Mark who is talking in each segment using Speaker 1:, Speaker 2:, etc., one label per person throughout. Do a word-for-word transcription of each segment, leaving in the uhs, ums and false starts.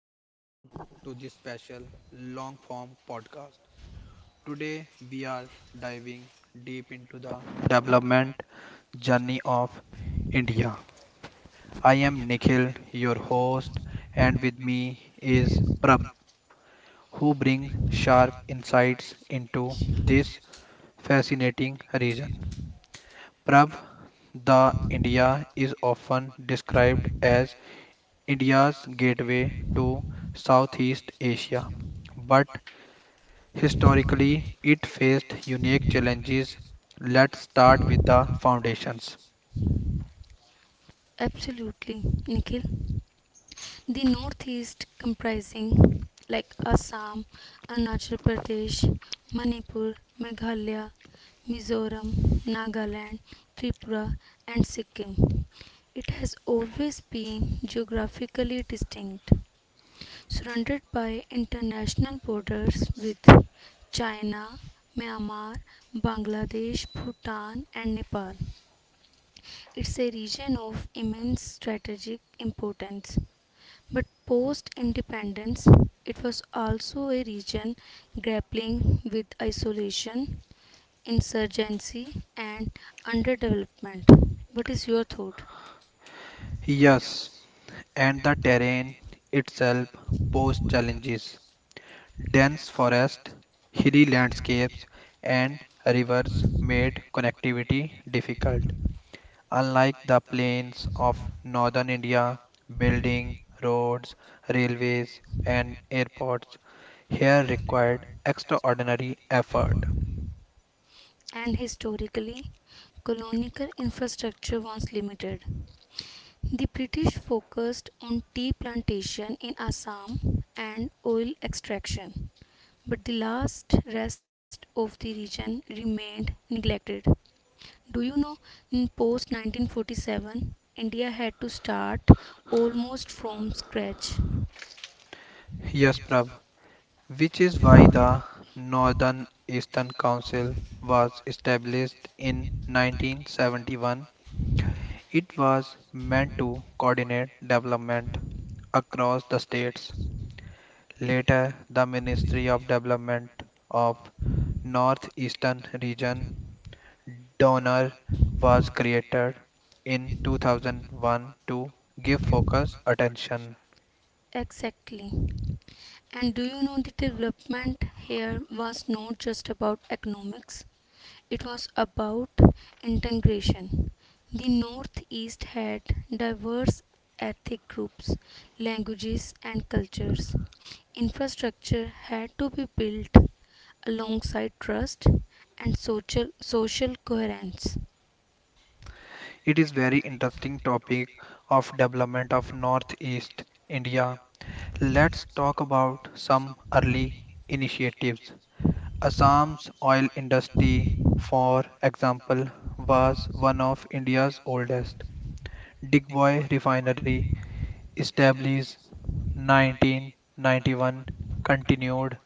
Speaker 1: and welcome to this special long form podcast. Today we are diving deep into the development journey of India. I am Nikhil, your host, and with me is Prab, who brings sharp insights into this fascinating region. Prab, the India is often described as India's gateway to Southeast Asia. But historically, it faced unique challenges. Let's start with the foundations.
Speaker 2: Absolutely, Nikhil. The northeast comprising like Assam, Arunachal Pradesh, Manipur, Meghalaya, Mizoram, Nagaland, Tripura and Sikkim. It has always been geographically distinct, surrounded by international borders with China, Myanmar, Bangladesh, Bhutan and Nepal. It's a region of immense strategic importance. But post independence, it was also a region grappling with isolation, insurgency, and underdevelopment. What is your thought?
Speaker 1: Yes, and the terrain itself posed challenges. Dense forest, hilly landscapes, and rivers made connectivity difficult. Unlike the plains of northern India, building roads, railways, and airports here required extraordinary effort.
Speaker 2: And historically, colonial infrastructure was limited. The British focused on tea plantation in Assam and oil extraction, but the last rest of the region remained neglected. Do you know in post nineteen forty-seven India had to start almost from scratch?
Speaker 1: Yes, Prav, which is why the Northern Eastern Council was established in nineteen seventy-one. It was meant to coordinate development across the states. Later, the Ministry of Development of Northeastern Region Donor was created in two thousand one to give focus attention.
Speaker 2: Exactly. And do you know the development here was not just about economics, it was about integration. The Northeast had diverse ethnic groups, languages, and cultures. Infrastructure had to be built alongside trust and social, social coherence.
Speaker 1: It is very interesting topic of development of Northeast India. Let's talk about some early initiatives. Assam's oil industry, for example, was one of India's oldest. Digboy Refinery, established nineteen ninety-one, continued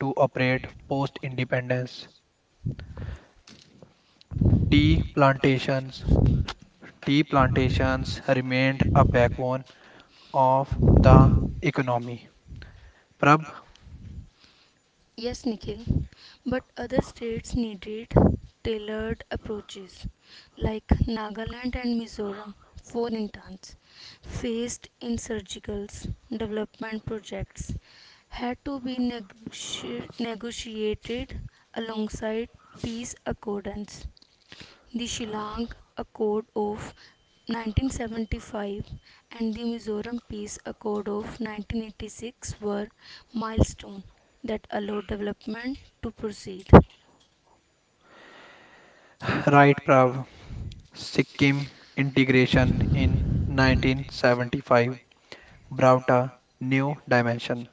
Speaker 1: to operate post-independence. Tea plantations. Tea plantations remained a backbone of the economy. Prabh,
Speaker 2: Yes, Nikhil, but other states needed tailored approaches, like Nagaland and Mizoram, for instance, faced in development projects had to be negoti- negotiated alongside peace accords, the Shillong Accord of nineteen seventy-five and the Mizoram Peace Accord of nineteen eighty-six were milestones that allowed development to proceed.
Speaker 1: right, Prabh. Sikkim integration in nineteen seventy-five brought a new dimension.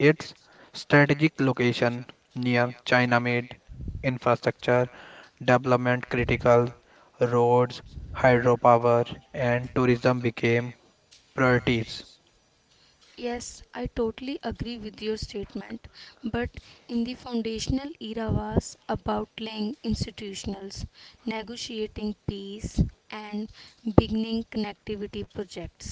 Speaker 1: Its strategic location near China made infrastructure development critical, roads, hydropower, and tourism became priorities.
Speaker 2: Yes, I totally agree with your statement. But in the foundational era was about laying institutionals, negotiating peace, and beginning connectivity projects.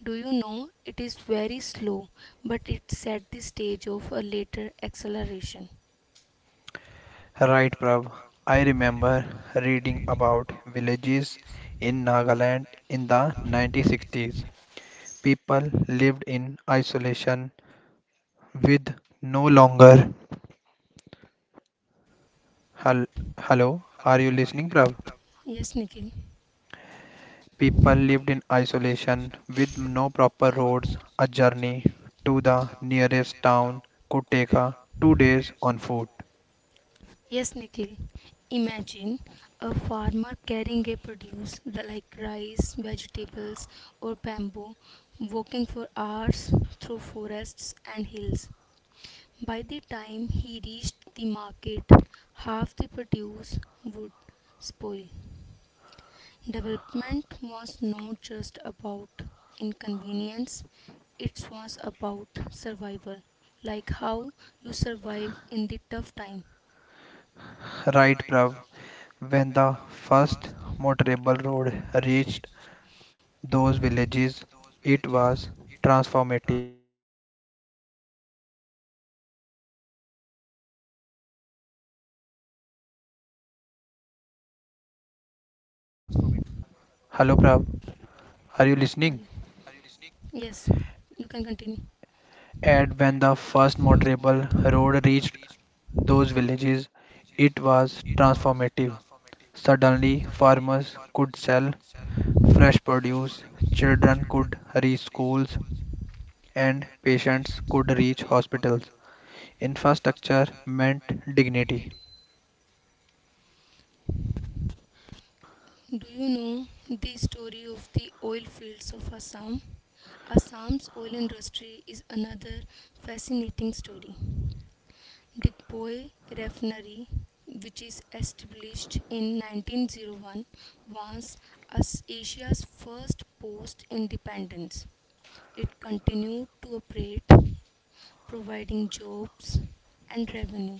Speaker 2: Do you know it is very slow, but it set the stage of a later acceleration.
Speaker 1: Right, Prav? I remember reading about villages in Nagaland in the nineteen sixties. People lived in isolation with no longer hel- hello, are you listening, Prav?
Speaker 2: Yes, Nikhil.
Speaker 1: People lived in isolation with no proper roads. A journey to the nearest town could take a two days on foot.
Speaker 2: Yes, Nikhil. Imagine a farmer carrying a produce the- like rice, vegetables, or bamboo, walking for hours through forests and hills. By the time he reached the market, half the produce would spoil. Development was not just about inconvenience, it was about survival, like how you survive in the tough time.
Speaker 1: Right, Prav? When the first motorable road reached those villages, it was transformative. Suddenly farmers could sell fresh produce, children.
Speaker 2: Hello, Nikhil.
Speaker 1: Hello, hello, hello, Prav.
Speaker 2: Are you-
Speaker 1: Are you listening?
Speaker 2: Yes, you can continue.
Speaker 1: And when the first motorable road reached those villages, it was transformative. Suddenly, farmers could sell fresh produce, children could reach schools, and patients could reach hospitals. Infrastructure meant dignity,
Speaker 2: Do you know the story of the oil fields of Assam? Assam's oil industry is another fascinating story. Dikpoi Refinery, which is established in nineteen oh one, was as Asia's first post independence. It continued to operate, providing jobs and revenue.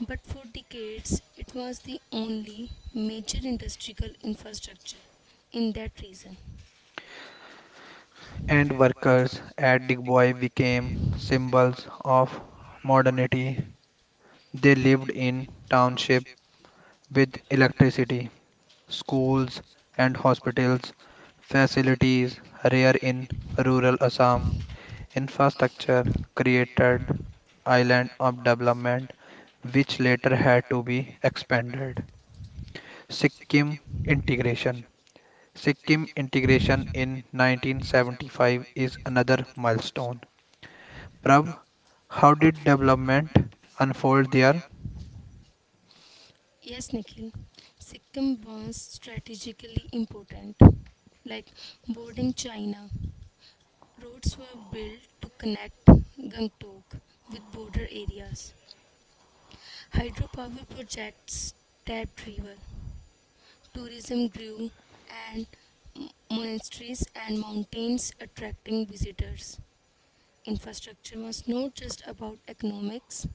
Speaker 2: But for decades, it was the only major industrial infrastructure in that region.
Speaker 1: and workers at Digboy became symbols of modernity. They lived in township with electricity, schools and hospitals, facilities rare in rural Assam. Infrastructure created island of development which later had to be expanded. Sikkim integration. Sikkim integration in nineteen seventy-five is another milestone. Prabh, how did development unfold there?
Speaker 2: Yes, Nikhil, Sikkim was strategically important, like bordering China. Roads were built to connect Gangtok with border areas. Hydropower projects tapped river. Tourism grew and monasteries and mountains attracting visitors. Infrastructure was not just about economics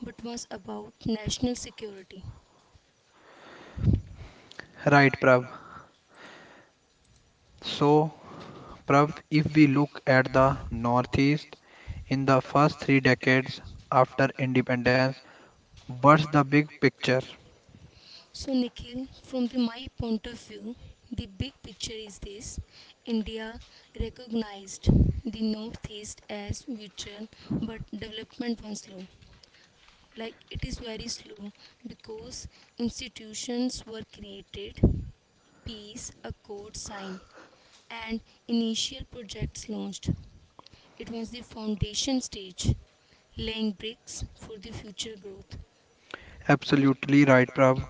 Speaker 2: but was about national security.
Speaker 1: Right, Prabh. So, Prabh, if we look at the northeast, in the first three decades after independence, what's the big picture?
Speaker 2: So, Nikhil, from the, my point of view, the big picture is this: India recognized the Northeast as vital, but development was slow, like it is very slow, because institutions were created, peace a signed, and initial projects launched. It was the foundation stage, laying bricks for the future growth.
Speaker 1: Absolutely right, Prav.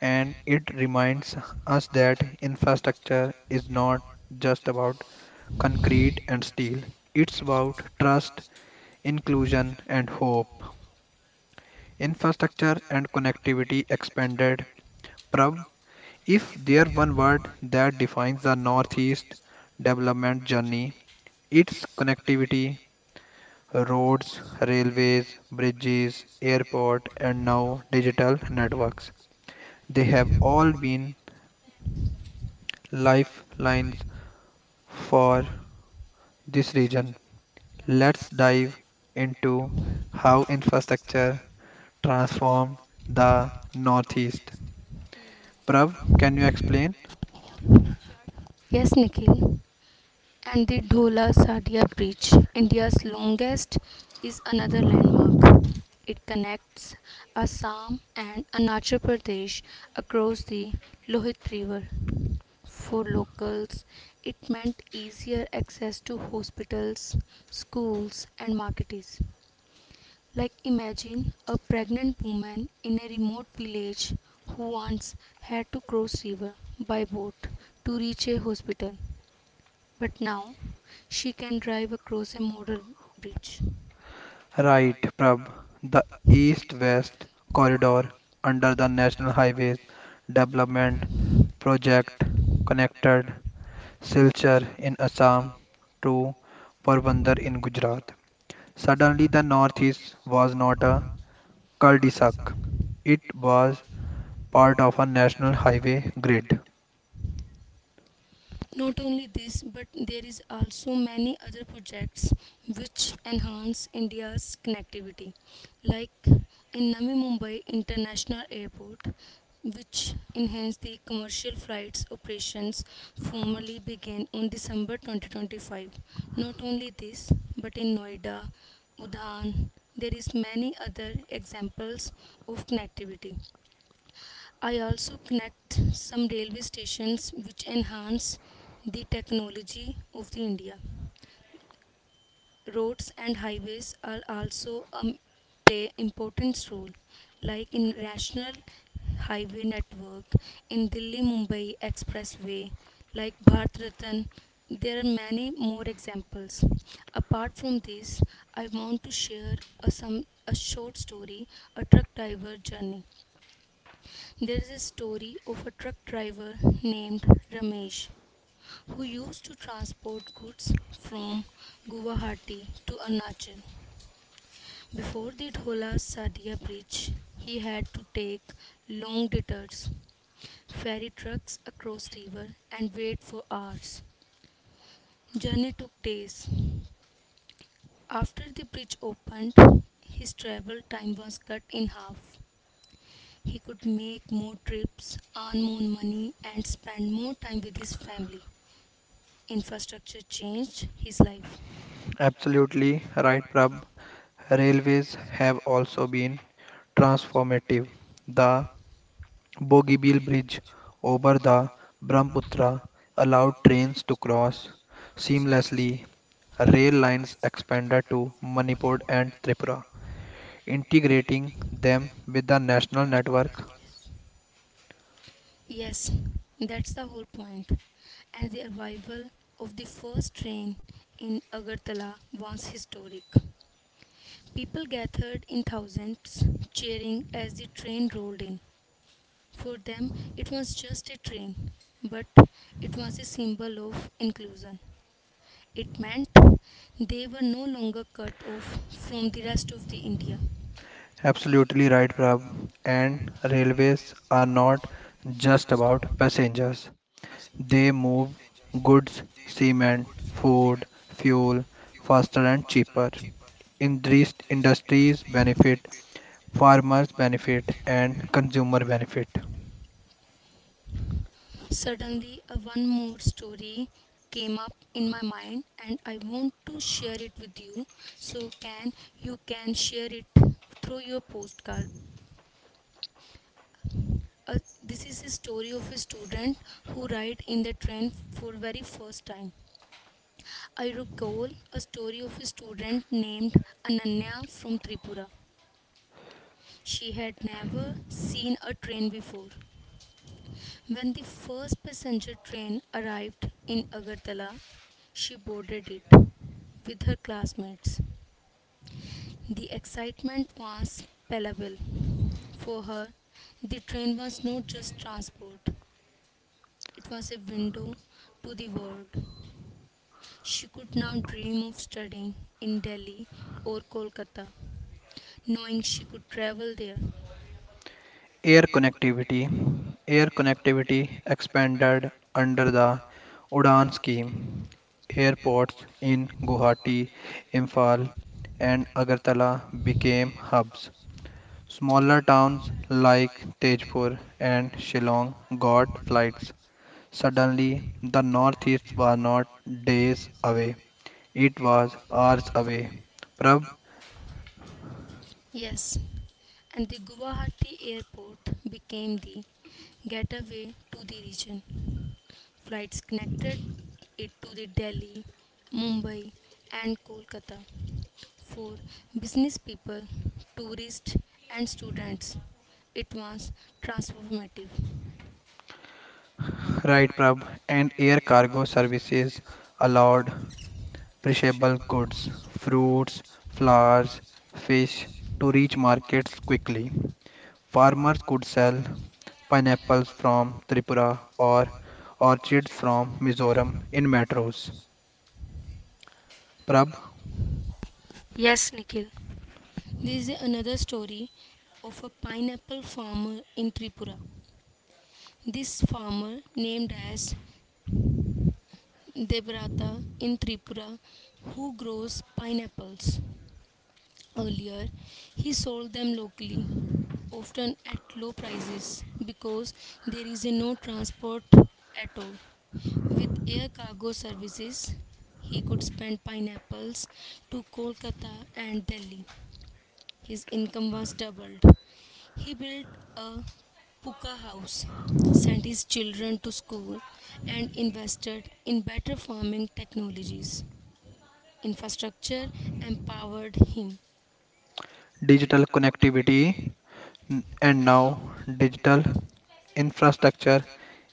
Speaker 1: And it reminds us that infrastructure is not just about concrete and steel, it's about trust, inclusion, and hope. Infrastructure and connectivity expanded. Prav, if there one word that defines the Northeast development journey, it's connectivity. Roads, railways, bridges, airport, and now digital networks. They have all been lifelines for this region. Let's dive into how infrastructure transformed the Northeast. Prab, can you explain?
Speaker 2: Yes, Nikhil. And the Dhola Sadia Bridge, India's longest, is another landmark. It connects Assam and Arunachal Pradesh across the Lohit River. For locals, it meant easier access to hospitals, schools, and markets. Like imagine a pregnant woman in a remote village who once had to cross river by boat to reach a hospital, but now she can drive across a model bridge.
Speaker 1: Right, Prab. The East West Corridor under the National Highways Development Project connected Silchar in Assam to Porbandar in Gujarat. Suddenly, the Northeast was not a cul-de-sac, it was part of a national highway grid.
Speaker 2: Not only this, but there is also many other projects which enhance India's connectivity, like in Navi Mumbai International Airport, which enhanced the commercial flights operations formally began on December twenty twenty-five. Not only this, but in Noida, Udhan, there is many other examples of connectivity. I also connect some railway stations which enhance the technology of the India. Roads and highways are also um, play important role, like in national highway network, in Delhi Mumbai expressway, like Bharat Ratan, there are many more examples. Apart from this, I want to share a, some a short story, a truck driver journey. There is a story of a truck driver named Ramesh who used to transport goods from Guwahati to Arunachal. Before the Dhola Sadia bridge, he had to take long detours, ferry trucks across river, and wait for hours. Journey took days. After the bridge opened, his travel time was cut in half. He could make more trips, earn more money, and spend more time with his family. Infrastructure changed his life.
Speaker 1: Absolutely right, Prab. Railways have also been transformative. The Bogeybill Bridge over the Brahmaputra allowed trains to cross seamlessly. Rail lines expanded to Manipur and Tripura, integrating them with the national network.
Speaker 2: Yes, that's the whole point. And the arrival of the first train in Agartala was historic. People gathered in thousands, cheering as the train rolled in. For them, it was just a train, but it was a symbol of inclusion. It meant they were no longer cut off from the rest of the India.
Speaker 1: Absolutely right, Prab. And railways are not just about passengers, they move goods, cement, food, fuel faster and cheaper. Indus- Industries benefit, farmers benefit, and consumer benefit.
Speaker 2: Suddenly, a one more story came up in my mind, and I want to share it with you. So can you can share it through your postcard? Uh, this is a story of a student who ride in the train for very first time. I recall a story of a student named Ananya from Tripura. She had never seen a train before. When the first passenger train arrived in Agartala, she boarded it with her classmates. The excitement was palpable. For her, the train was not just transport, it was a window to the world. She could now dream of studying in Delhi or Kolkata, knowing she could travel there.
Speaker 1: Air connectivity. Air connectivity expanded under the Udan scheme. Airports in Guwahati, Imphal, and Agartala became hubs. Smaller towns like Tejpur and Shillong got flights. Suddenly, the Northeast was not days away, it was hours away. Prab,
Speaker 2: Yes, and the Guwahati airport became the gateway to the region. Flights connected it to the Delhi, Mumbai, and Kolkata for business people, tourists, and students. It was transformative.
Speaker 1: right, Prab, and air cargo services allowed perishable goods, fruits, flowers, fish to reach markets quickly. Farmers could sell pineapples from Tripura or orchids from Mizoram in metros. Prab,
Speaker 2: Yes, Nikhil. This is another story of a pineapple farmer in Tripura. This farmer, named as Debrata in Tripura, who grows pineapples. Earlier, he sold them locally, often at low prices because there is no transport at all. With air cargo services, he could send pineapples to Kolkata and Delhi. His income was doubled. He built a puka house, sent his children to school, and invested in better farming technologies. Infrastructure empowered him.
Speaker 1: digital connectivity. N- and now digital infrastructure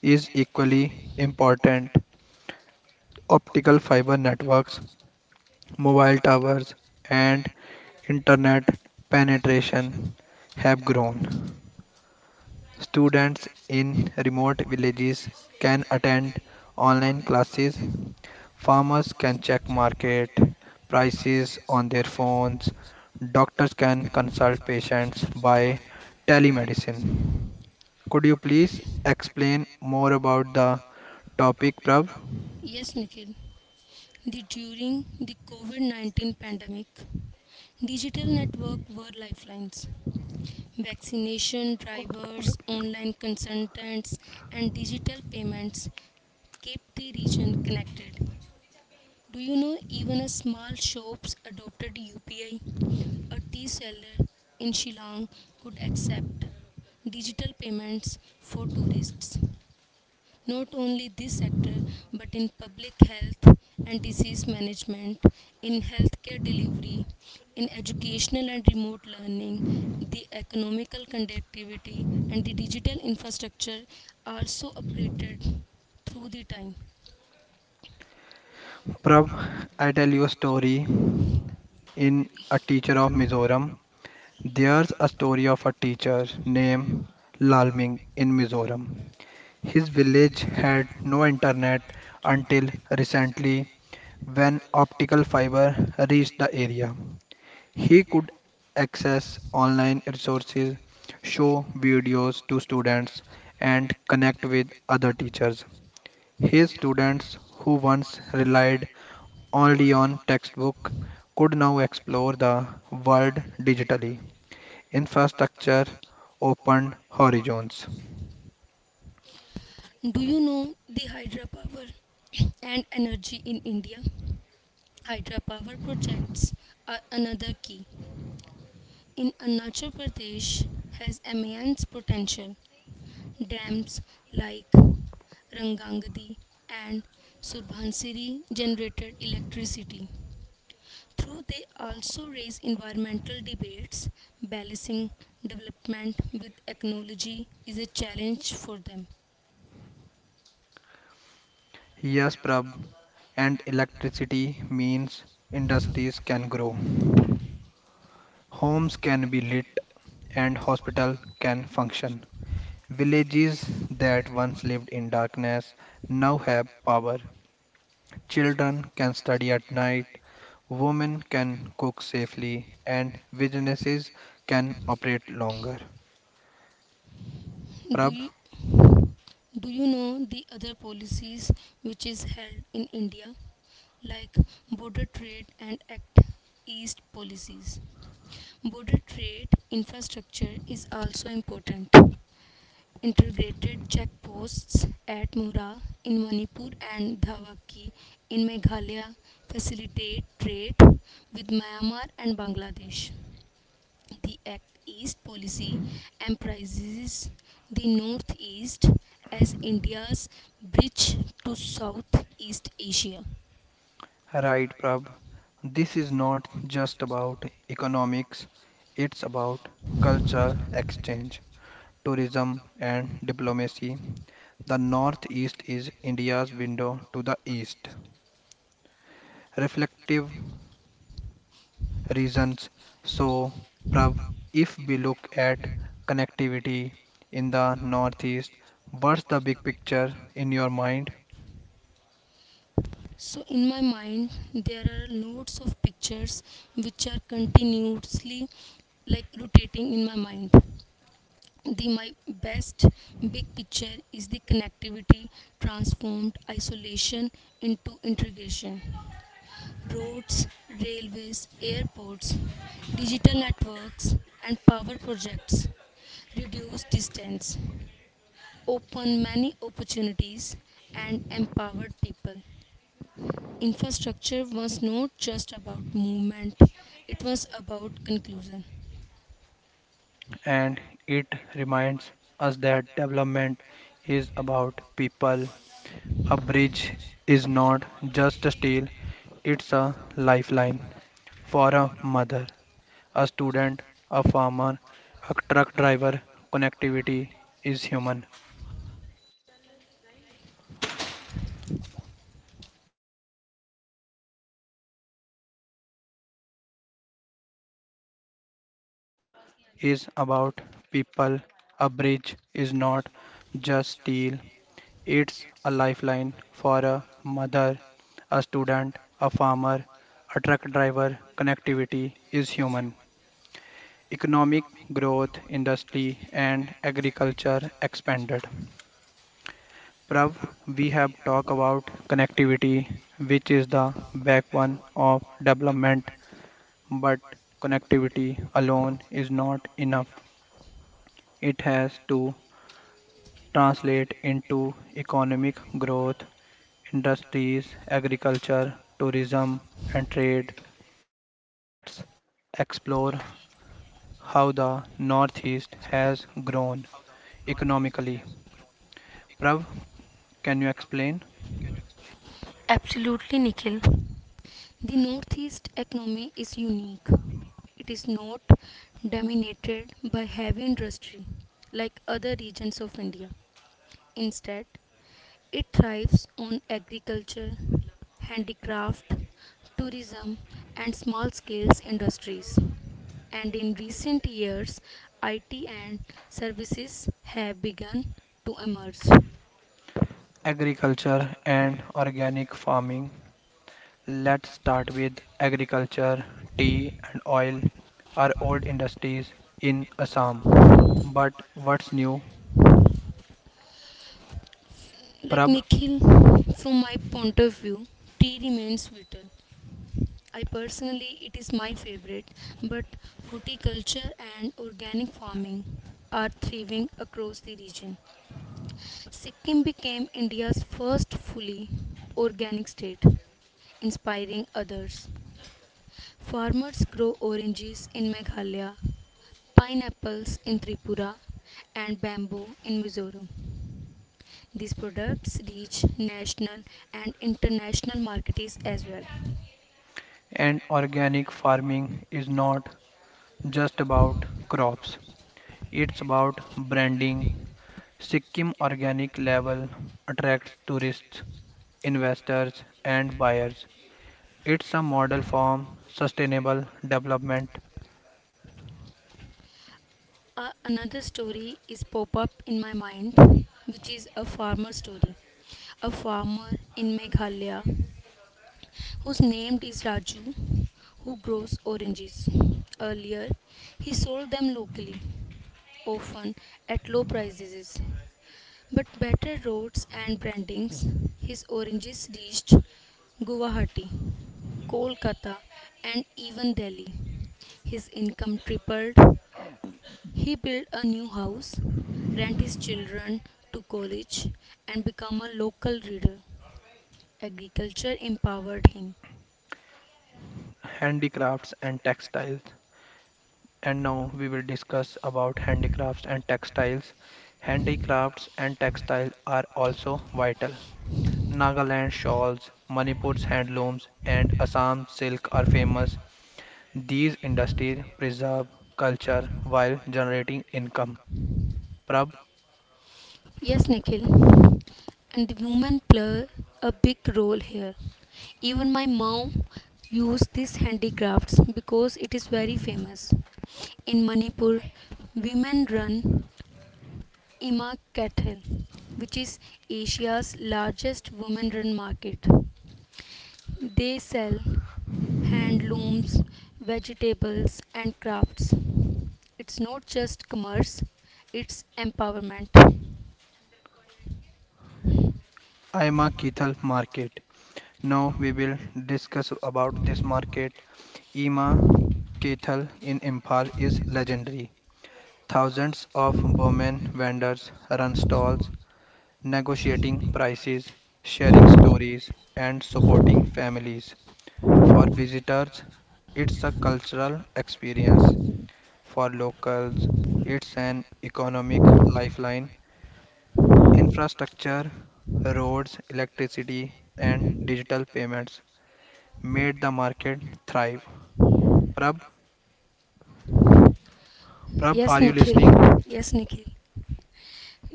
Speaker 1: is equally important. Optical fiber networks, mobile towers, and internet penetration have grown. Students in remote villages can attend online classes. Farmers can check market prices on their phones. Doctors can consult patients by telemedicine. Could you please explain more about the topic, Prab?
Speaker 2: Yes, Nikhil. The, during the COVID nineteen pandemic, digital networks were lifelines. Vaccination drivers, online consultants, and digital payments kept the region connected. Do you know even a small shops adopted U P I? A tea seller in Shillong could accept digital payments for tourists. Not only this sector, but in public health and disease management, in healthcare delivery, in educational and remote learning, the economical conductivity and the digital infrastructure also upgraded through the time.
Speaker 1: Prab, I tell you a story in a teacher of Mizoram. There's a story of a teacher named Lalming in Mizoram. His village had no internet until recently when optical fiber reached the area. He could access online resources, show videos to students, and connect with other teachers. His students, who once relied only on textbook, could now explore the world digitally. Infrastructure opened horizons.
Speaker 2: Do you know the hydropower and energy in India? Hydropower projects are another key. In Arunachal Pradesh has immense potential. Dams like Rangangadi and Surbansiri generated electricity. Though they also raise environmental debates. Balancing development with ecology is a challenge for them.
Speaker 1: Yes, Prab, and electricity means industries can grow, homes can be lit, and hospitals can function. Villages that once lived in darkness now have power. Children can study at night, women can cook safely, and businesses can operate longer.
Speaker 2: Do
Speaker 1: Prab,
Speaker 2: you Do you know the other policies which is held in India, like border trade and act east policies? Border trade infrastructure is also important. Integrated checkposts at Mora in Manipur and Dhawaki in Meghalaya facilitate trade with Myanmar and Bangladesh. The Act East policy emphasizes the Northeast as India's bridge to Southeast Asia.
Speaker 1: right, Prab. This is not just about economics, it's about cultural exchange, tourism, and diplomacy. The northeast is India's window to the east. Reflective reasons. So, Prav, if we look at connectivity in the northeast, what's the big picture in your mind?
Speaker 2: So, in my mind, there are loads of pictures which are continuously like rotating in my mind. The my best big picture is the connectivity transformed isolation into integration. Roads, railways, airports, digital networks, and power projects reduce distance, open many opportunities, and empowered people. Infrastructure was not just about movement, it was about conclusion.
Speaker 1: And it reminds us that development is about people. A bridge is not just a steel, it's a lifeline for a mother, a student, a farmer, a truck driver. Connectivity is human. And it reminds us that development is about people. A bridge is not just steel, it's a lifeline for a mother, a student, a farmer, a truck driver. Connectivity is human. Economic growth, industry, and agriculture expanded. Prav, we have talked about connectivity, which is the backbone of development, but connectivity alone is not enough. It has to translate into economic growth, industries, agriculture, tourism, and trade. Let's explore how the Northeast has grown economically. Prav, can you explain?
Speaker 2: Absolutely, Nikhil. The Northeast economy is unique. It is not dominated by heavy industry like other regions of India. Instead, it thrives on agriculture, handicraft, tourism, and small scale industries. And in recent years, I T and services have begun to emerge.
Speaker 1: Agriculture and organic farming. Let's start with agriculture. Tea and oil are old industries in Assam. But what's new,
Speaker 2: Like
Speaker 1: Prab?
Speaker 2: Nikhil, from my point of view, tea remains vital. I personally, it is my favorite, but horticulture and organic farming are thriving across the region. Sikkim became India's first fully organic state, inspiring others. Farmers grow oranges in Meghalaya, pineapples in Tripura, and bamboo in Mizoram. These products reach national and international markets as well.
Speaker 1: And organic farming is not just about crops, it's about branding. Sikkim Organic Label attracts tourists, investors, and buyers. It's a model for sustainable development,
Speaker 2: A- another story is pop up in my mind, which is a farmer story. A farmer in Meghalaya whose name is Raju, who grows oranges. Earlier, he sold them locally, often at low prices. But better roads and brandings, his oranges reached Guwahati, Kolkata, and even Delhi. His income tripled. He built a new house, rent his children to college, and become a local reader. Agriculture empowered him.
Speaker 1: handicrafts, and textiles. And now we will discuss about handicrafts and textiles. Handicrafts and textiles are also vital. Nagaland shawls, Manipur's handlooms, and Assam silk are famous. These industries preserve culture while generating income. Prab,
Speaker 2: Yes, Nikhil. And the women play a big role here. Even my mom used these handicrafts because it is very famous. In Manipur, women run Ima Cattle, which is Asia's largest women run market. They sell handlooms, vegetables, and crafts. It's not just commerce, it's empowerment.
Speaker 1: Ima Kethal Market. Now we will discuss about this market. Ima Kethal in Imphal is legendary. Thousands of Burman vendors run stalls negotiating prices, sharing stories, and supporting families. For visitors, it's a cultural experience. For locals, it's an economic lifeline. Infrastructure, roads, electricity, and digital payments made the market thrive. Prab, Prab,
Speaker 2: Yes,
Speaker 1: are you
Speaker 2: Nikhil.
Speaker 1: listening?
Speaker 2: Yes, Nikhil.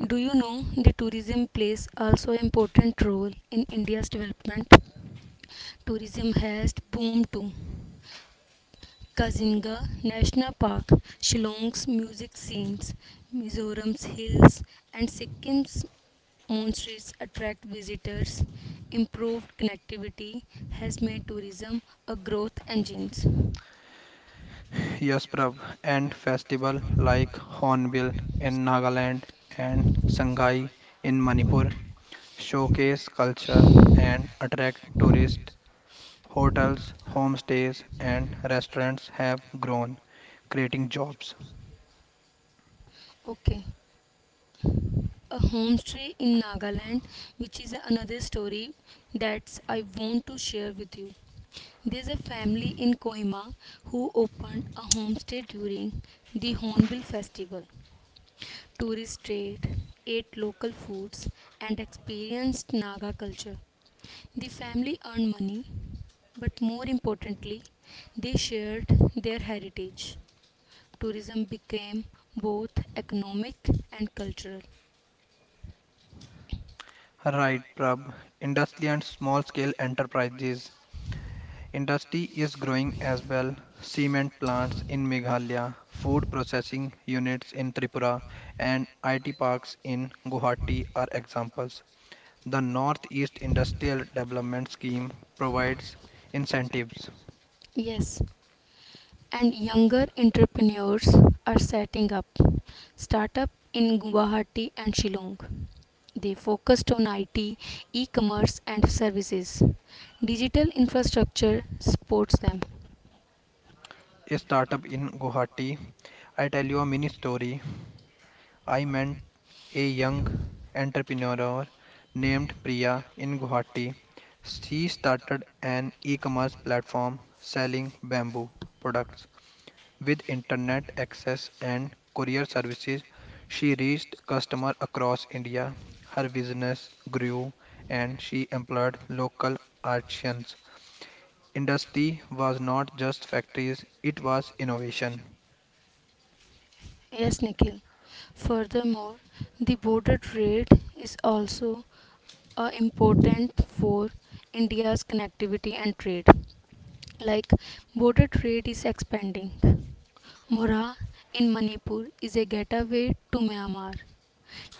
Speaker 2: Do you know the tourism plays also important role in India's development? Tourism has boomed too. Kazinga National Park, Shillong's music scenes, Mizoram's hills, and Sikkim's monasteries attract visitors. Improved connectivity has made tourism a growth engine.
Speaker 1: Yes, Prab, and festival like Hornbill in Nagaland and Sangai in Manipur showcase culture and attract tourists. Hotels, homestays, and restaurants have grown, creating jobs.
Speaker 2: Okay. A homestay in Nagaland, which is another story that I want to share with you. There's a family in Kohima who opened a homestay during the Hornbill Festival. Tourists stayed, ate local foods, and experienced Naga culture. The family earned money, but more importantly, they shared their heritage. Tourism became both economic and cultural.
Speaker 1: Right, Prab. Industry and small scale enterprises. Industry is growing as well. Cement plants in Meghalaya, food processing units in Tripura, and I T parks in Guwahati are examples. The Northeast Industrial Development Scheme provides incentives.
Speaker 2: Yes, and younger entrepreneurs are setting up startups in Guwahati and Shillong. They focused on I T, e-commerce and services. Digital infrastructure supports them.
Speaker 1: A startup in Guwahati. I tell you a mini story. I met a young entrepreneur named Priya in Guwahati. She started an e-commerce platform selling bamboo products. With internet access and courier services, she reached customers across India. Her business grew and she employed local artisans. Industry was not just factories, it was innovation.
Speaker 2: Yes, Nikhil. Furthermore, the border trade is also uh, important for India's connectivity and trade. Like, border trade is expanding. Mora in Manipur is a gateway to Myanmar.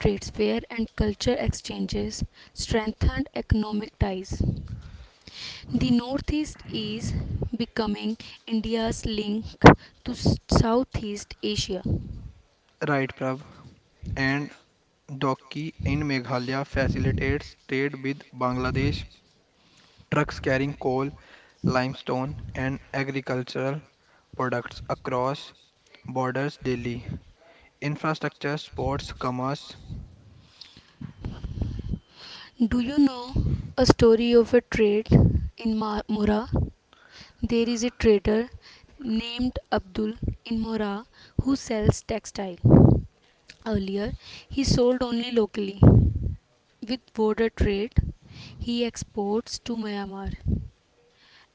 Speaker 2: Trades fair and culture exchanges strengthened economic ties. The Northeast is becoming India's link to s- Southeast Asia.
Speaker 1: Right, Prabh. And Docky in Meghalaya facilitates trade with Bangladesh, trucks carrying coal, limestone, and agricultural products across borders daily. Infrastructure, sports, commerce.
Speaker 2: Do you know a story of a trade in Ma- Mora? There is a trader named Abdul in Mora who sells textile. Earlier, he sold only locally. With border trade, he exports to Myanmar.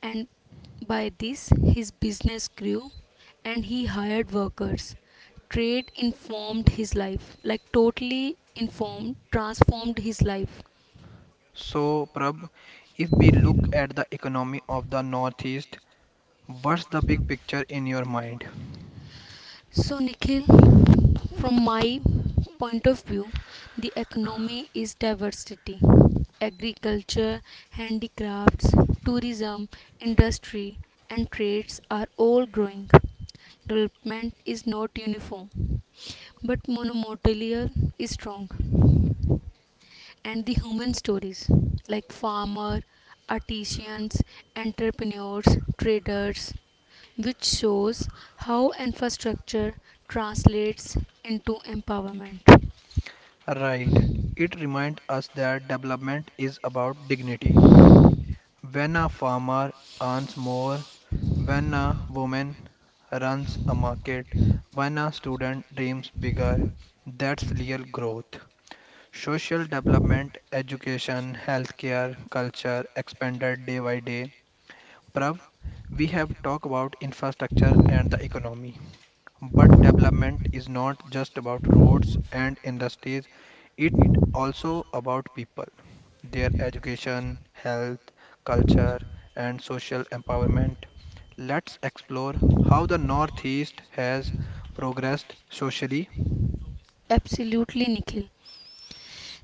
Speaker 2: And by this his business grew and he hired workers. Trade informed his life, like totally informed, transformed his life.
Speaker 1: So, Prab, if we look at the economy of the Northeast, what's the big picture in your mind?
Speaker 2: So, Nikhil, from my point of view, the economy is diversity. Agriculture, handicrafts, tourism, industry, and trades are all growing. Development is not uniform, but monomotilia is strong and the human stories like farmer, artisans, entrepreneurs, traders, which shows how infrastructure translates into empowerment.
Speaker 1: Right. It reminds us that development is about dignity. When a farmer earns more, when a woman runs a market, when a student dreams bigger, that's real growth. Social development, education, healthcare, culture expanded day by day. Prav, we have talked about infrastructure and the economy. But development is not just about roads and industries, it also about people, their education, health, culture, and social empowerment. Let's explore how the Northeast has progressed socially.
Speaker 2: Absolutely, Nikhil.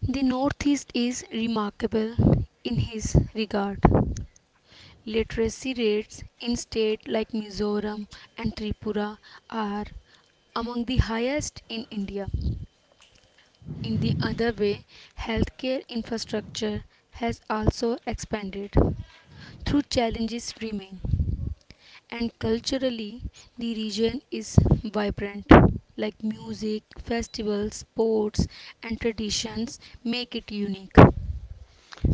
Speaker 2: The Northeast is remarkable in his regard. Literacy rates in states like Mizoram and Tripura are among the highest in India. In the other way, healthcare infrastructure has also expanded, though challenges remain. And culturally, the region is vibrant, like music, festivals, sports, and traditions make it unique.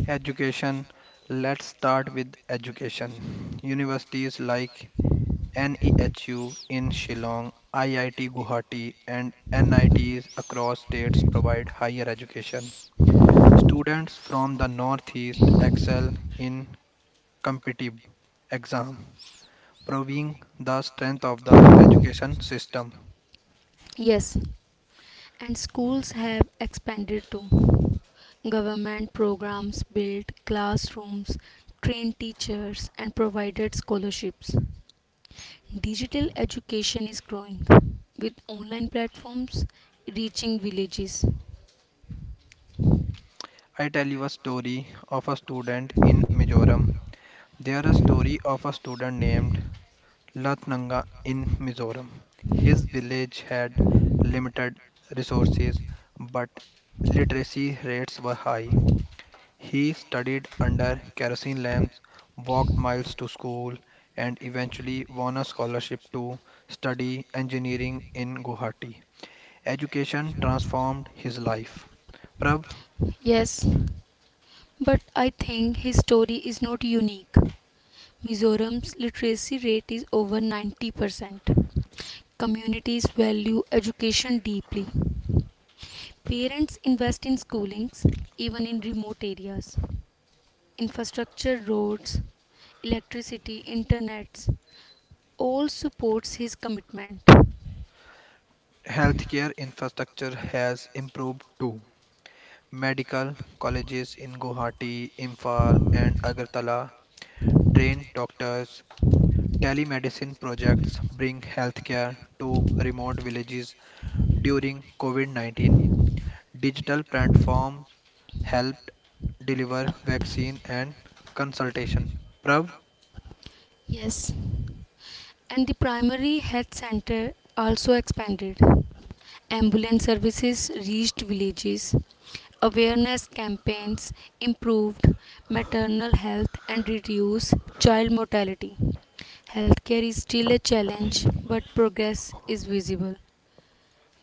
Speaker 1: Education. Let's start with education. Universities like N E H U in Shillong, I I T Guwahati, and N I Ts across states provide higher education. Students from the Northeast excel in competitive exams, proving the strength of the education system.
Speaker 2: Yes, and schools have expanded too. Government programs built classrooms, trained teachers, and provided scholarships. Digital education is growing, with online platforms reaching villages.
Speaker 1: I tell you a story of a student in Mizoram. There a story of a student named Latnanga in Mizoram. His village had limited resources, but literacy rates were high. He studied under kerosene lamps, walked miles to school, and eventually won a scholarship to study engineering in Guwahati. Education transformed his life. Prabh,
Speaker 2: Yes, but I think his story is not unique. Mizoram's literacy rate is over ninety percent. Communities value education deeply. Parents invest in schoolings, even in remote areas. Infrastructure, roads, electricity, internets, all supports his commitment.
Speaker 1: healthcare infrastructure has improved too. Medical colleges in Guwahati, Imphal, and Agartala train doctors. Telemedicine projects bring healthcare to remote villages during COVID nineteen. Digital platforms helped deliver vaccine and consultation. Prav,
Speaker 2: Yes, and the primary health center also expanded. Ambulance services reached villages. Awareness campaigns improved maternal health and reduced child mortality. Healthcare is still a challenge, but progress is visible.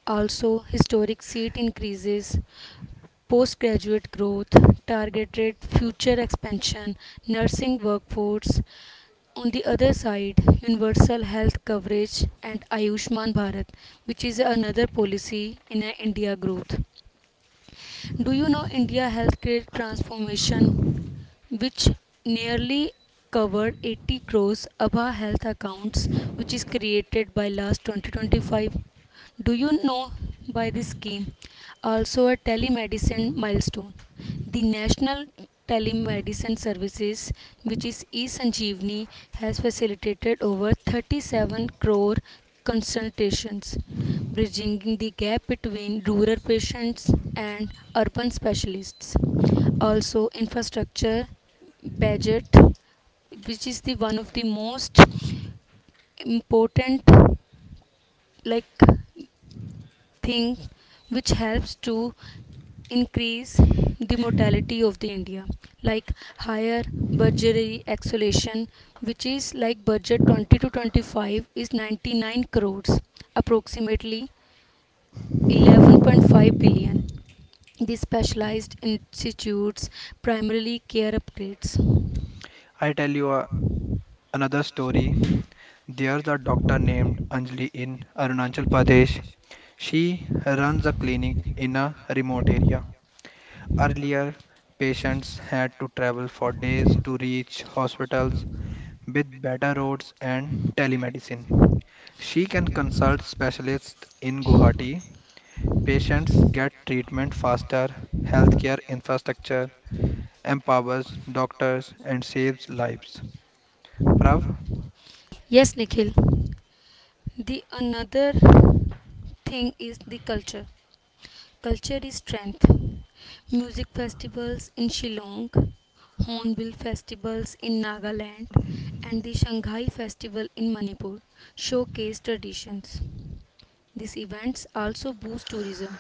Speaker 2: Also, historic seat increases, postgraduate growth, targeted future expansion, nursing workforce, on the other side, universal health coverage and Ayushman Bharat, which is another policy in uh, India growth. Do you know India healthcare transformation, which nearly covered eighty crores A B H A health accounts, which is created by last twenty twenty-five? Do you know by this scheme? Also, a telemedicine milestone. The National Telemedicine Services, which is eSanjeevani, has facilitated over thirty-seven crore consultations bridging the gap between rural patients and urban specialists. Also, infrastructure budget, which is the one of the most important like thing which helps to increase the mortality of the India, like higher budgetary acceleration, which is like budget twenty to twenty-five is ninety-nine crores approximately eleven point five billion. These specialized institutes primarily care upgrades.
Speaker 1: I tell you a- another story. There's a doctor named Anjali in Arunachal Pradesh. She runs a clinic in a remote area. Earlier, patients had to travel for days to reach hospitals with better roads and telemedicine. She can consult specialists in Guwahati. Patients get treatment faster, healthcare infrastructure empowers doctors and saves lives. Prav,
Speaker 2: Yes, Nikhil. The another thing is the culture. Culture is strength. Music festivals in Shillong, Hornbill festivals in Nagaland, and the Shanghai festival in Manipur showcase traditions. These events also boost tourism.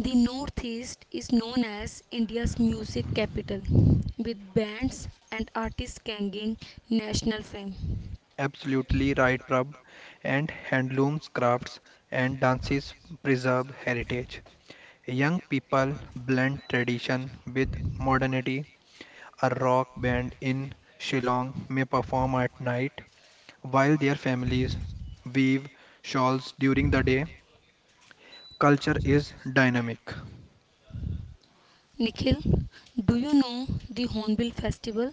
Speaker 2: The Northeast is known as India's music capital, with bands and artists gaining national fame.
Speaker 1: absolutely right, Prav. And handlooms, crafts, and dances preserve heritage. Young people blend tradition with modernity. A rock band in Shillong may perform at night while their families weave shawls during the day. Culture is dynamic.
Speaker 2: Nikhil, do you know the Hornbill Festival?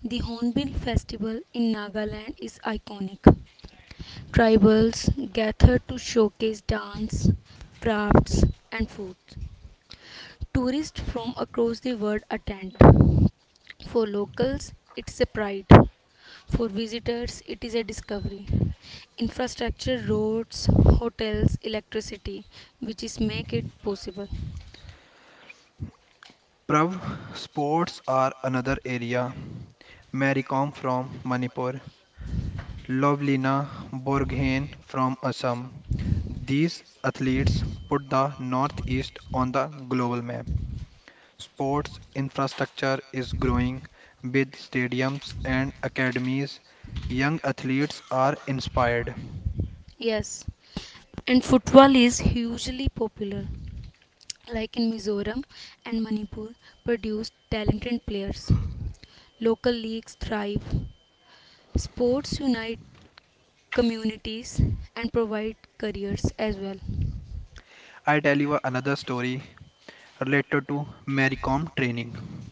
Speaker 2: The Hornbill Festival in Nagaland is iconic. Tribals gather to showcase dance, crafts, and food. Tourists from across the world attend. For locals, it's a pride. For visitors, it is a discovery. Infrastructure, roads, hotels, electricity, which is make it possible.
Speaker 1: Prav, sports are another area. Mary Kom from Manipur, Lovlina Borghain from Assam. These athletes put the Northeast on the global map. Sports infrastructure is growing with stadiums and academies. Young athletes are inspired.
Speaker 2: Yes, and football is hugely popular. Like in Mizoram and Manipur, produce talented players. Local leagues thrive. Sports unite communities and provide careers as well.
Speaker 1: I tell you another story related to Mary Kom training.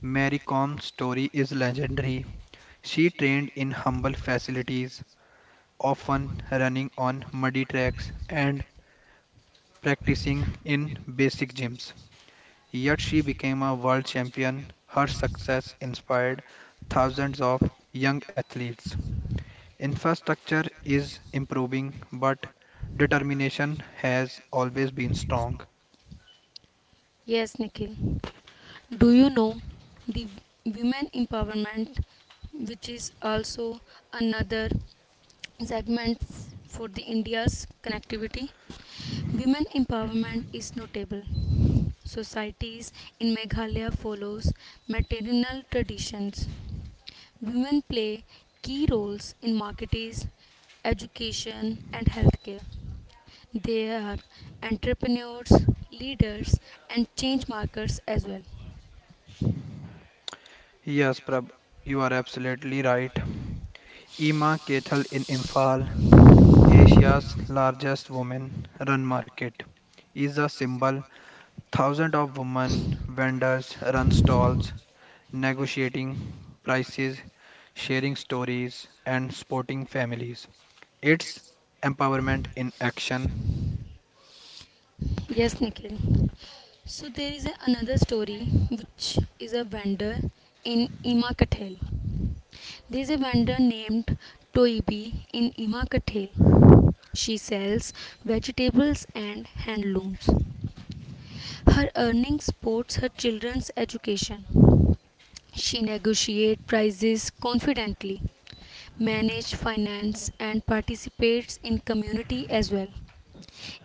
Speaker 1: Mary Kom's story is legendary. She trained in humble facilities, often running on muddy tracks and practicing in basic gyms. Yet she became a world champion. Her success inspired thousands of young athletes. Infrastructure is improving, but determination has always been strong.
Speaker 2: Yes, Nikhil. Do you know the women empowerment, which is also another segment f- for the India's connectivity? Women empowerment is notable. Societies in Meghalaya follows maternal traditions. Women play key roles in marketing, education, and healthcare. They are entrepreneurs, leaders, and change makers as well.
Speaker 1: Yes, Prab, you are absolutely right. Ima Kethal in Imphal, Asia's largest women run market, is a symbol. Thousands of women vendors run stalls negotiating prices, sharing stories, and supporting families. It's empowerment in action.
Speaker 2: Yes, Nikhil. So there is a, another story which is a vendor in Imakathel. There is a vendor named Toibi in Imakathel. She sells vegetables and handlooms. Her earnings supports her children's education. She negotiates prices confidently, manages finance and participates in community as well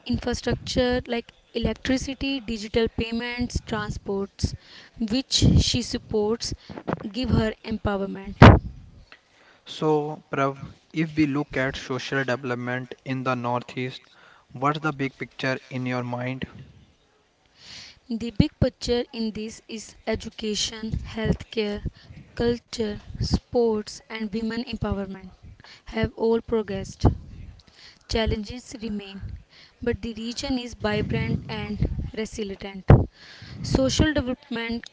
Speaker 2: infrastructure like electricity, digital payments, transports, which she supports, give her empowerment.
Speaker 1: So, Prav, if we look at social development in the Northeast, what's the big picture in your mind?
Speaker 2: The big picture in this is education, healthcare, culture, sports, and women empowerment have all progressed. Challenges remain, but the region is vibrant and resilient. Social development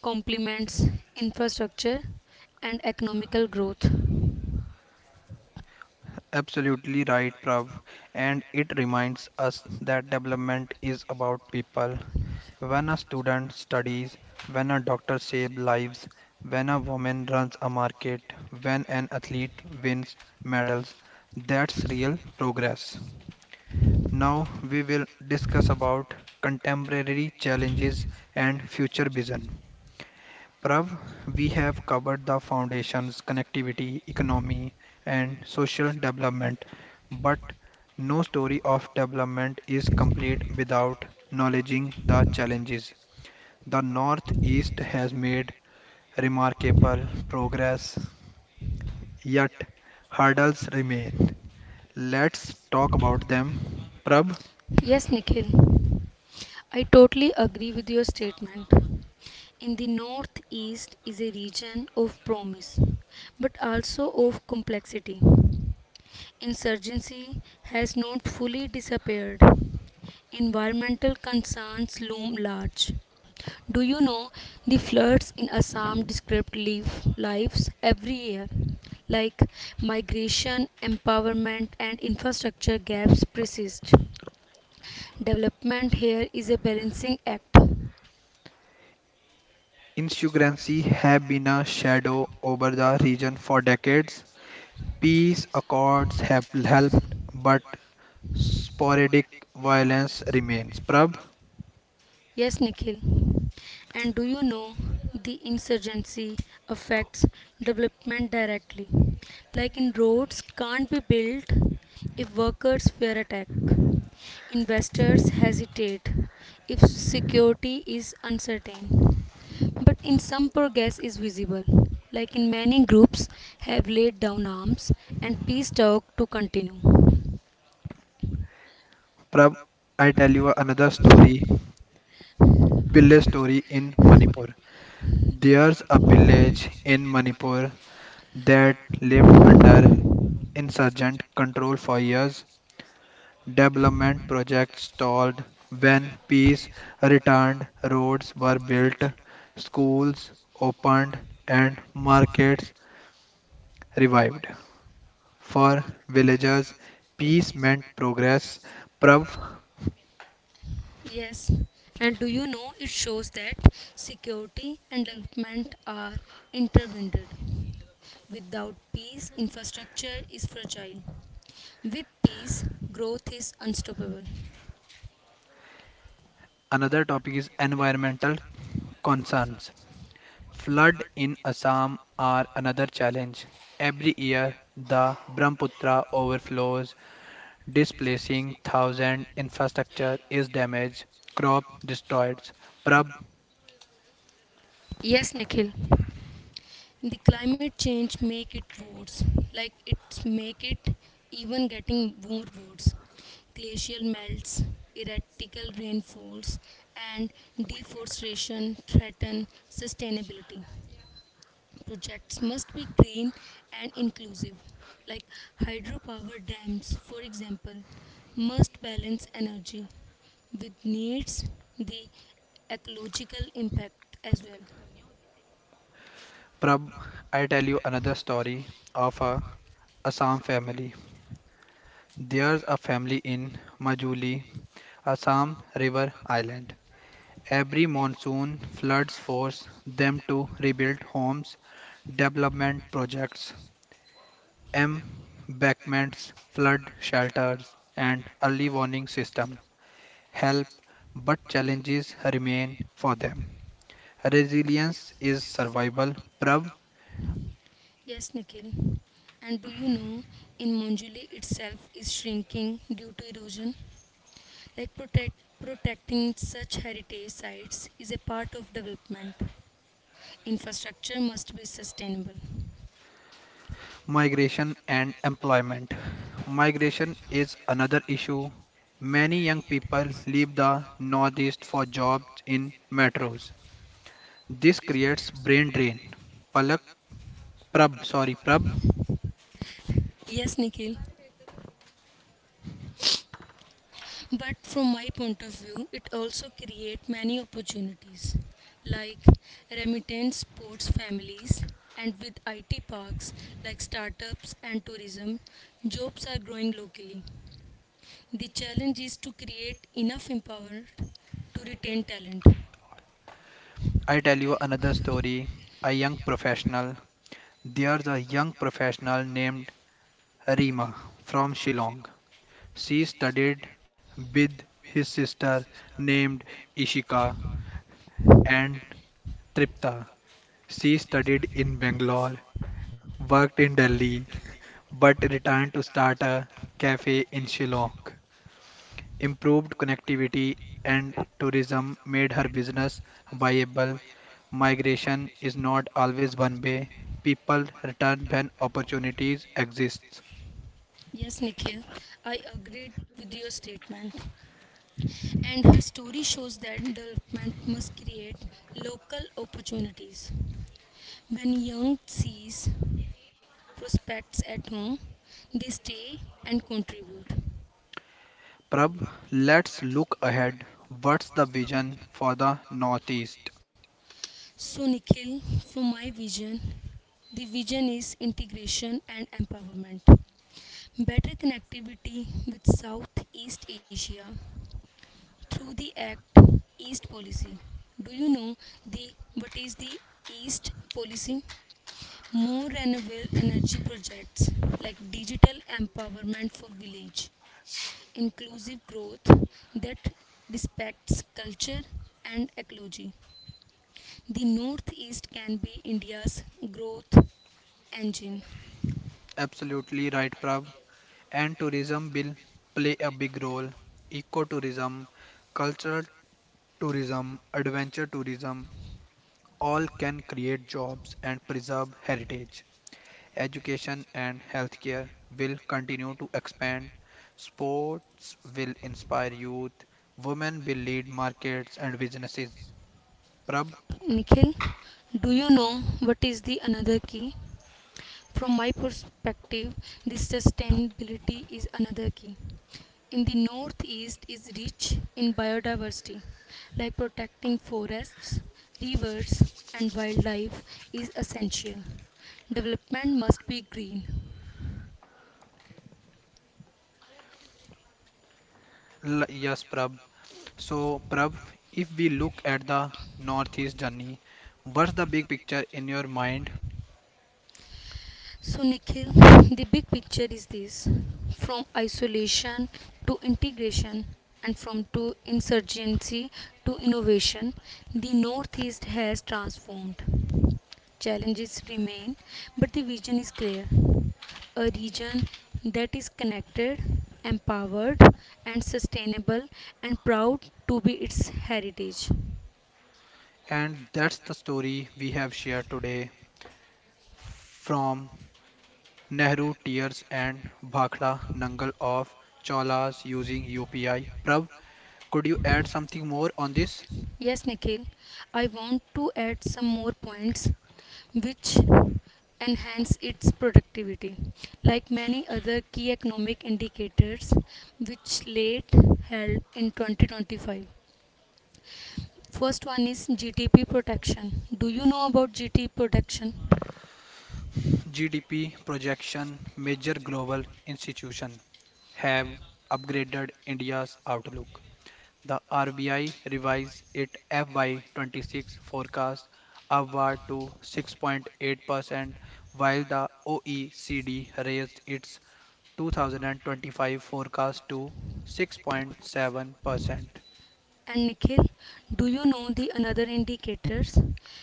Speaker 2: complements infrastructure and economical growth.
Speaker 1: Absolutely right, Prav. And it reminds us that development is about people. When a student studies, when a doctor saves lives, when a woman runs a market, when an athlete wins medals, that's real progress. Now we will discuss about contemporary challenges and future vision. Prav, we have covered the foundations, connectivity, economy, and social development, but no story of development is complete without acknowledging the challenges. The Northeast has made remarkable progress, yet hurdles remain. Let's talk about them. Prab,
Speaker 2: Yes, Nikhil, I totally agree with your statement. In the Northeast is a region of promise, but also of complexity. Insurgency has not fully disappeared. Environmental concerns loom large. Do you know the floods in Assam disrupt life, lives every year? Like migration, empowerment, and infrastructure gaps persist. Development here is a balancing act.
Speaker 1: insurgency have been a shadow over the region for decades. Peace accords have helped, but sporadic violence remains. Prab.
Speaker 2: Yes, Nikhil. And do you know the insurgency affects development directly? Like in roads can't be built if workers fear attack. Investors hesitate if security is uncertain. But in some progress is visible. Like in many groups have laid down arms and peace talk to continue.
Speaker 1: Prab, I tell you another story, village story in Manipur. There's a village in Manipur that lived under insurgent control for years. Development projects stalled. When peace returned, roads were built, schools opened, and markets revived. For villagers, peace meant progress. Prav,
Speaker 2: Yes, and do you know it shows that security and development are intertwined. Without peace, infrastructure is fragile. With peace, growth is unstoppable.
Speaker 1: another topic is environmental concerns. Flood in Assam are another challenge. Every year, the Brahmaputra overflows displacing thousand infrastructure is damaged crop destroyed. Prab.
Speaker 2: Yes, Nikhil. The climate change make it worse, like it's make it even getting more worse. Glacial melts, erratical rainfalls, and deforestation threaten sustainability. Projects must be green and inclusive, like hydropower dams, for example, must balance energy with needs the ecological impact as well.
Speaker 1: Prab, I tell you another story of a Assam family. There's a family in Majuli, Assam, river island. Every monsoon floods force them to rebuild homes. Development projects, embankments, flood shelters, and early warning systems help, but challenges remain for them. Resilience is survival, Prav,
Speaker 2: Yes, Nikhil. And do you know in Monjuli itself is shrinking due to erosion? Like protect, protecting such heritage sites is a part of development. Infrastructure must be sustainable.
Speaker 1: migration and employment. Migration is another issue. Many young people leave the northeast for jobs in metros. This creates brain drain. Palak, Prab, sorry, Prab,
Speaker 2: Yes, Nikhil. But from my point of view, it also create many opportunities like remittance sports families and with I T parks like startups and tourism, jobs are growing locally. The challenge is to create enough empowerment to retain talent.
Speaker 1: I tell you another story. A young professional. There's a young professional named Rima from Shillong. She studied with his sister named Ishika and Tripta. She studied in Bangalore, worked in Delhi, but returned to start a cafe in Shillong. Improved connectivity and tourism made her business viable. Migration is not always one way. People return when opportunities exist.
Speaker 2: Yes, Nikhil, I agreed with your statement. And her story shows that development must create local opportunities. When young sees prospects at home, they stay and contribute.
Speaker 1: Prab, let's look ahead. What's the vision for the Northeast?
Speaker 2: So, Nikhil, from my vision, the vision is integration and empowerment. Better connectivity with Southeast Asia through the Act East Policy. Do you know the what is the East Policy? More renewable energy projects like digital empowerment for village inclusive growth that respects culture and ecology. The Northeast can be India's growth engine.
Speaker 1: Absolutely right, Prab. And tourism will play a big role. Ecotourism, cultural tourism, adventure tourism all can create jobs and preserve heritage. Education and healthcare will continue to expand. Sports will inspire youth. Women will lead markets and businesses. Prab?
Speaker 2: Nikhil, do you know what is the another key? From my perspective, the sustainability is another key. In the Northeast is rich in biodiversity, like protecting forests, rivers, and wildlife is essential. Development must be green.
Speaker 1: L- yes, Prab. So, Prav, if we look at the Northeast journey, what's the big picture in your mind?
Speaker 2: So, Nikhil, the big picture is this: from isolation to integration, and from to insurgency to innovation, the Northeast has transformed. Challenges remain, but the vision is clear: a region that is connected, empowered, and sustainable, and proud to be its heritage.
Speaker 1: And that's the story we have shared today from Nehru Tears and Bhakra Nangal of Cholas using U P I. Prav, could you add something more on this?
Speaker 2: Yes, Nikhil, I want to add some more points which enhance its productivity. Like many other key economic indicators which late held in twenty twenty-five. First one is G D P protection. Do you know about G D P protection?
Speaker 1: G D P projection, major global institution have upgraded India's outlook. The R B I revised its F Y twenty-six forecast upward to six point eight percent, while the O E C D raised its two thousand twenty-five forecast to six point seven percent.
Speaker 2: And Nikhil, do you know the another indicators?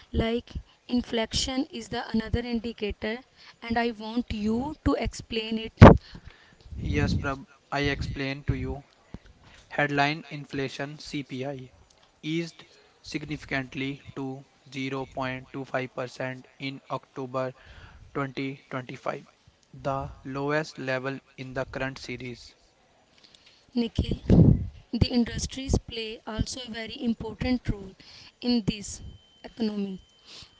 Speaker 2: Like inflation is the another indicator and I want you to explain it.
Speaker 1: Yes, Prab, I explained to you. Headline inflation C P I eased significantly to zero point two five percent in October twenty twenty-five, the lowest level in the current series.
Speaker 2: Nikhil, the industries play also a very important role in this economy,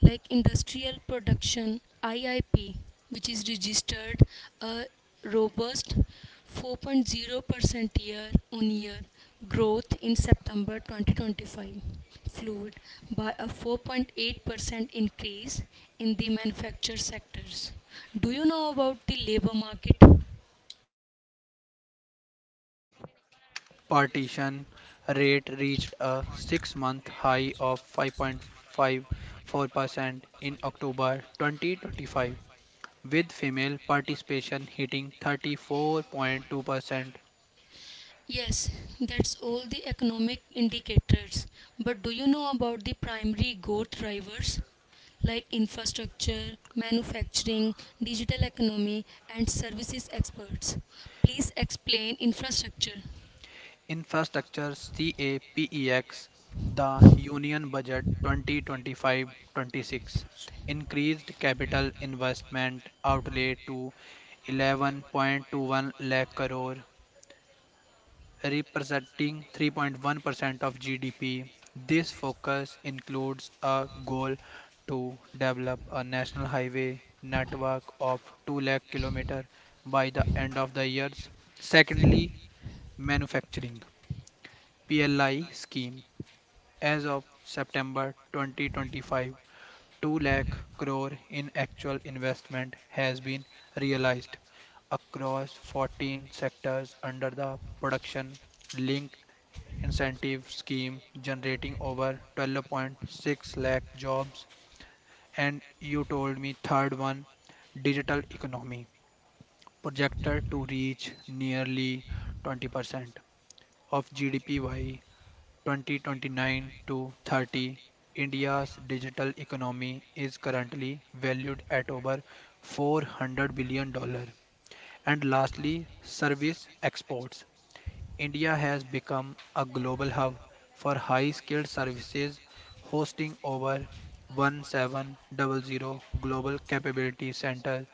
Speaker 2: like industrial production I I P, which is registered a robust four point zero percent year on year growth in September twenty twenty-five, fueled by a four point eight percent increase in the manufacture sectors. Do you know about the labor market?
Speaker 1: Yes, the labor force partition rate reached a six month high of five point five four percent in October twenty twenty-five, with female participation hitting thirty-four point two percent.
Speaker 2: Yes, that's all the economic indicators. But do you know about the primary growth drivers like infrastructure, manufacturing, digital economy, and services experts? Please explain infrastructure.
Speaker 1: Infrastructure CAPEX, the Union Budget twenty twenty-five-twenty-six, increased capital investment outlay to eleven point two one lakh crore, representing three point one percent of G D P. This focus includes a goal to develop a national highway network of two lakh kilometer by the end of the years. Secondly, manufacturing. P L I scheme. As of September twenty twenty-five, two lakh crore in actual investment has been realized across fourteen sectors under the production linked incentive scheme generating over twelve point six lakh jobs. And you told me third one, digital economy projected to reach nearly twenty percent of G D P by twenty twenty-nine to thirty, India's digital economy is currently valued at over four hundred billion dollars. Dollars. And lastly, service exports. India has become a global hub for high skilled services, hosting over one thousand seven hundred Global Capability Center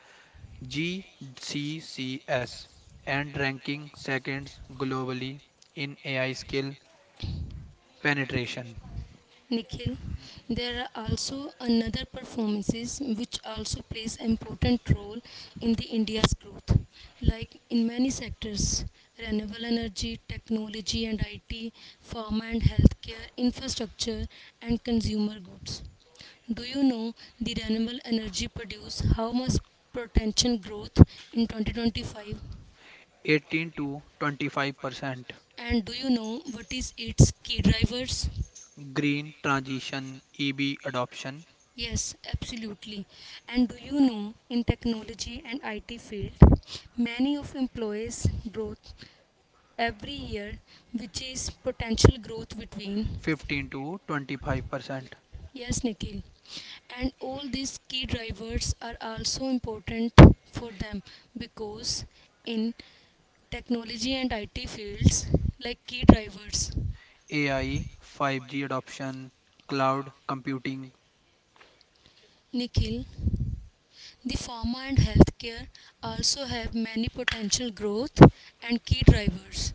Speaker 1: G C C S and ranking second globally in A I skill penetration.
Speaker 2: Nikhil, there are also another performances which also plays important role in the India's growth. Like in many sectors, renewable energy, technology and I T, pharma and healthcare, infrastructure and consumer goods. Do you know the renewable energy produce how much potential growth in twenty twenty-five?
Speaker 1: eighteen to twenty-five percent,
Speaker 2: And do you know what is its key drivers?
Speaker 1: green transition, E V adoption.
Speaker 2: Yes, absolutely. And do you know, in technology and I T field, many of employees growth every year, which is potential growth between.
Speaker 1: fifteen to twenty-five percent,
Speaker 2: Yes, Nikhil. And all these key drivers are also important for them because in technology and I T fields, like key drivers.
Speaker 1: A I, five G adoption, cloud computing.
Speaker 2: Nikhil, the pharma and healthcare also have many potential growth and key drivers.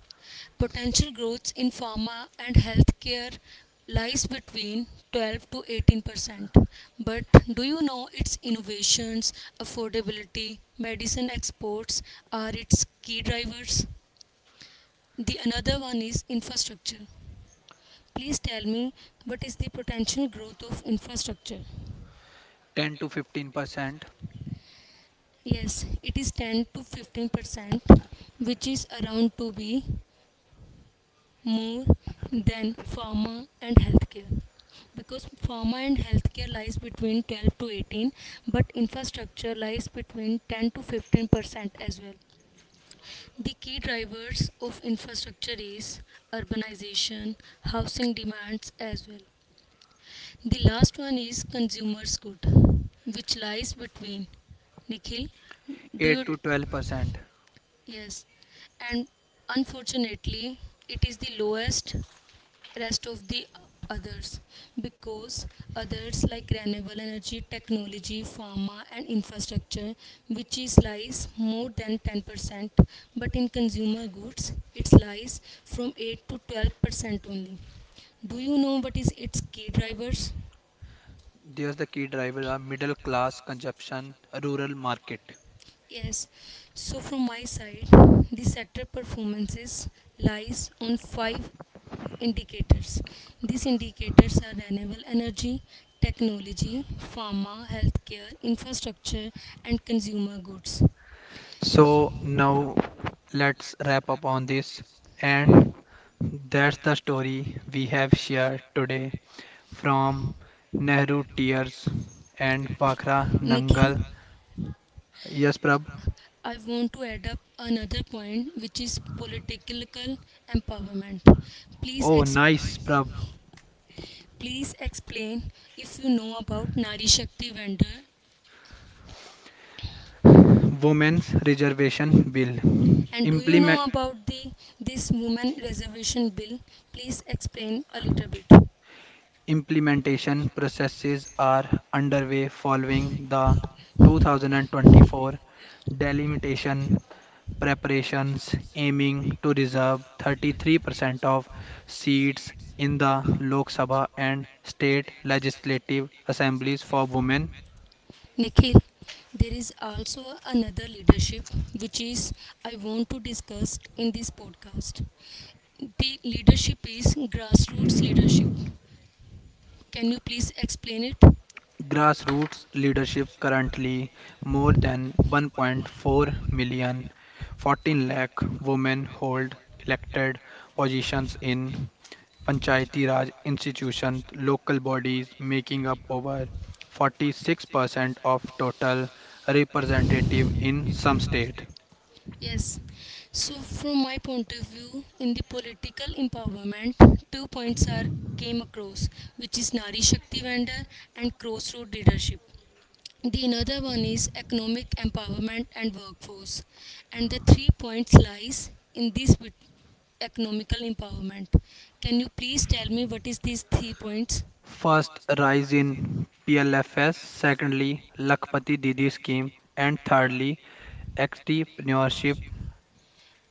Speaker 2: Potential growth in pharma and healthcare lies between twelve to eighteen percent. But do you know its innovations, affordability, medicine exports are its key drivers? The another one is infrastructure. Please tell me what is the potential growth of infrastructure?
Speaker 1: ten to fifteen percent.
Speaker 2: Yes, it is ten to fifteen percent, which is around to be more than pharma and healthcare. Because pharma and healthcare lies between twelve to eighteen, but infrastructure lies between ten to fifteen percent as well. The key drivers of infrastructure is urbanization, housing demands as well. The last one is consumers good, which lies between. Nikhil, do you—
Speaker 1: eight to twelve percent.
Speaker 2: Yes, and unfortunately, it is the lowest rest of the others because others like renewable energy, technology, pharma, and infrastructure, which is lies more than ten percent, but in consumer goods, it lies from eight to twelve percent only. Do you know what is its key drivers?
Speaker 1: There's the key drivers are middle class consumption, rural market.
Speaker 2: Yes, so from my side, the sector performances lies on five indicators. These indicators are renewable energy, technology, pharma, healthcare, infrastructure, and consumer goods.
Speaker 1: So now let's wrap up on this, and that's the story we have shared today from Nehru Tears and Wakhra
Speaker 2: Nikhil,
Speaker 1: Nangal. Yes, Prab.
Speaker 2: I want to add up another point, which is political empowerment. Please,
Speaker 1: Oh,
Speaker 2: exp-
Speaker 1: nice, Prab.
Speaker 2: please explain if you know about Nari Shakti vendor
Speaker 1: Women's Reservation Bill.
Speaker 2: and do you
Speaker 1: Implement
Speaker 2: know about the this woman reservation bill? Please explain a little bit.
Speaker 1: implementation processes are underway following the two thousand twenty-four delimitation preparations aiming to reserve thirty-three percent of seats in the Lok Sabha and state legislative assemblies for women.
Speaker 2: Nikhil, there is also another leadership which is I want to discuss in this podcast. The leadership is grassroots leadership. Can you please explain it?
Speaker 1: Grassroots leadership, currently more than one point four million, fourteen lakh women, hold elected positions in panchayati raj institutions, local bodies, making up over forty-six percent of total representative in some state.
Speaker 2: Yes. So, from my point of view, in the political empowerment, two points are came across, which is Nari Shakti Vendor and Crossroad Leadership. The another one is economic empowerment and workforce, and the three points lies in this bit- economical empowerment. Can you please tell me what is these three points,
Speaker 1: First, rise in PLFS. Secondly, Lakhpati Didi scheme. And thirdly, entrepreneurship.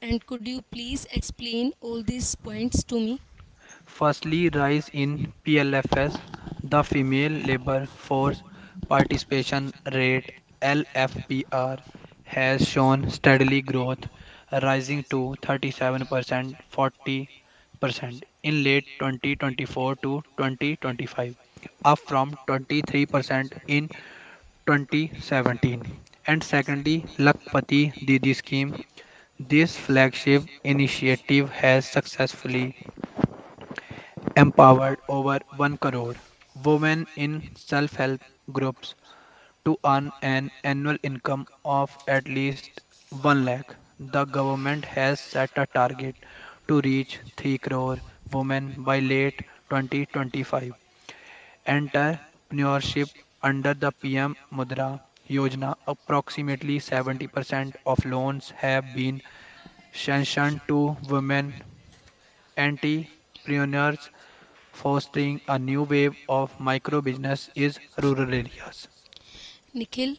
Speaker 2: and could you please explain all these points to me?
Speaker 1: Firstly, rise in P L F S, the female labor force participation rate L F P R has shown steadily growth, rising to thirty-seven percent, forty percent in late twenty twenty-four to twenty twenty-five, up from twenty-three percent in twenty seventeen. And secondly, Lakpati Didi scheme. This flagship initiative has successfully empowered over one crore women in self-help groups to earn an annual income of at least one lakh. The government has set a target to reach three crore women by late twenty twenty-five. Entrepreneurship under the P M Mudra Yojana, approximately seventy percent of loans have been sanctioned to women entrepreneurs, fostering a new wave of micro business is rural areas.
Speaker 2: Nikhil,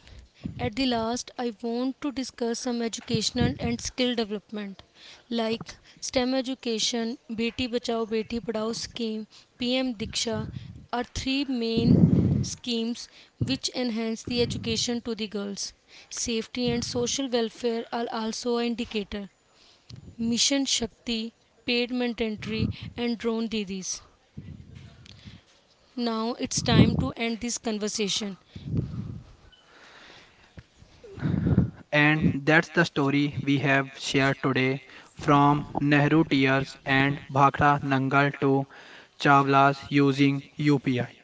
Speaker 2: at the last, I want to discuss some educational and skill development like STEM education, Beti Bachao Beti Padhao scheme, P M Diksha are three main schemes which enhance the education to the girls. Safety and social welfare are also an indicator. Mission Shakti, paid mandatory, and drone didis. Now it's time to end this conversation.
Speaker 1: And that's the story we have shared today from Nehru Tears and Bhakra Nangal to Chawlas using U P I.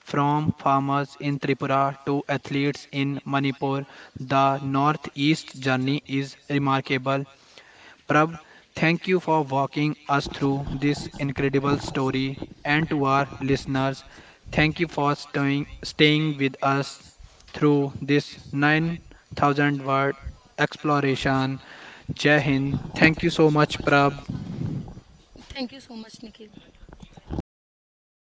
Speaker 1: From farmers in Tripura to athletes in Manipur, the Northeast journey is remarkable. Prav, thank you for walking us through this incredible story. And to our listeners, thank you for staying, staying with us through this nine thousand word exploration. Jai Hind. Thank you so much, Prab.
Speaker 2: Thank you so much, Nikhil.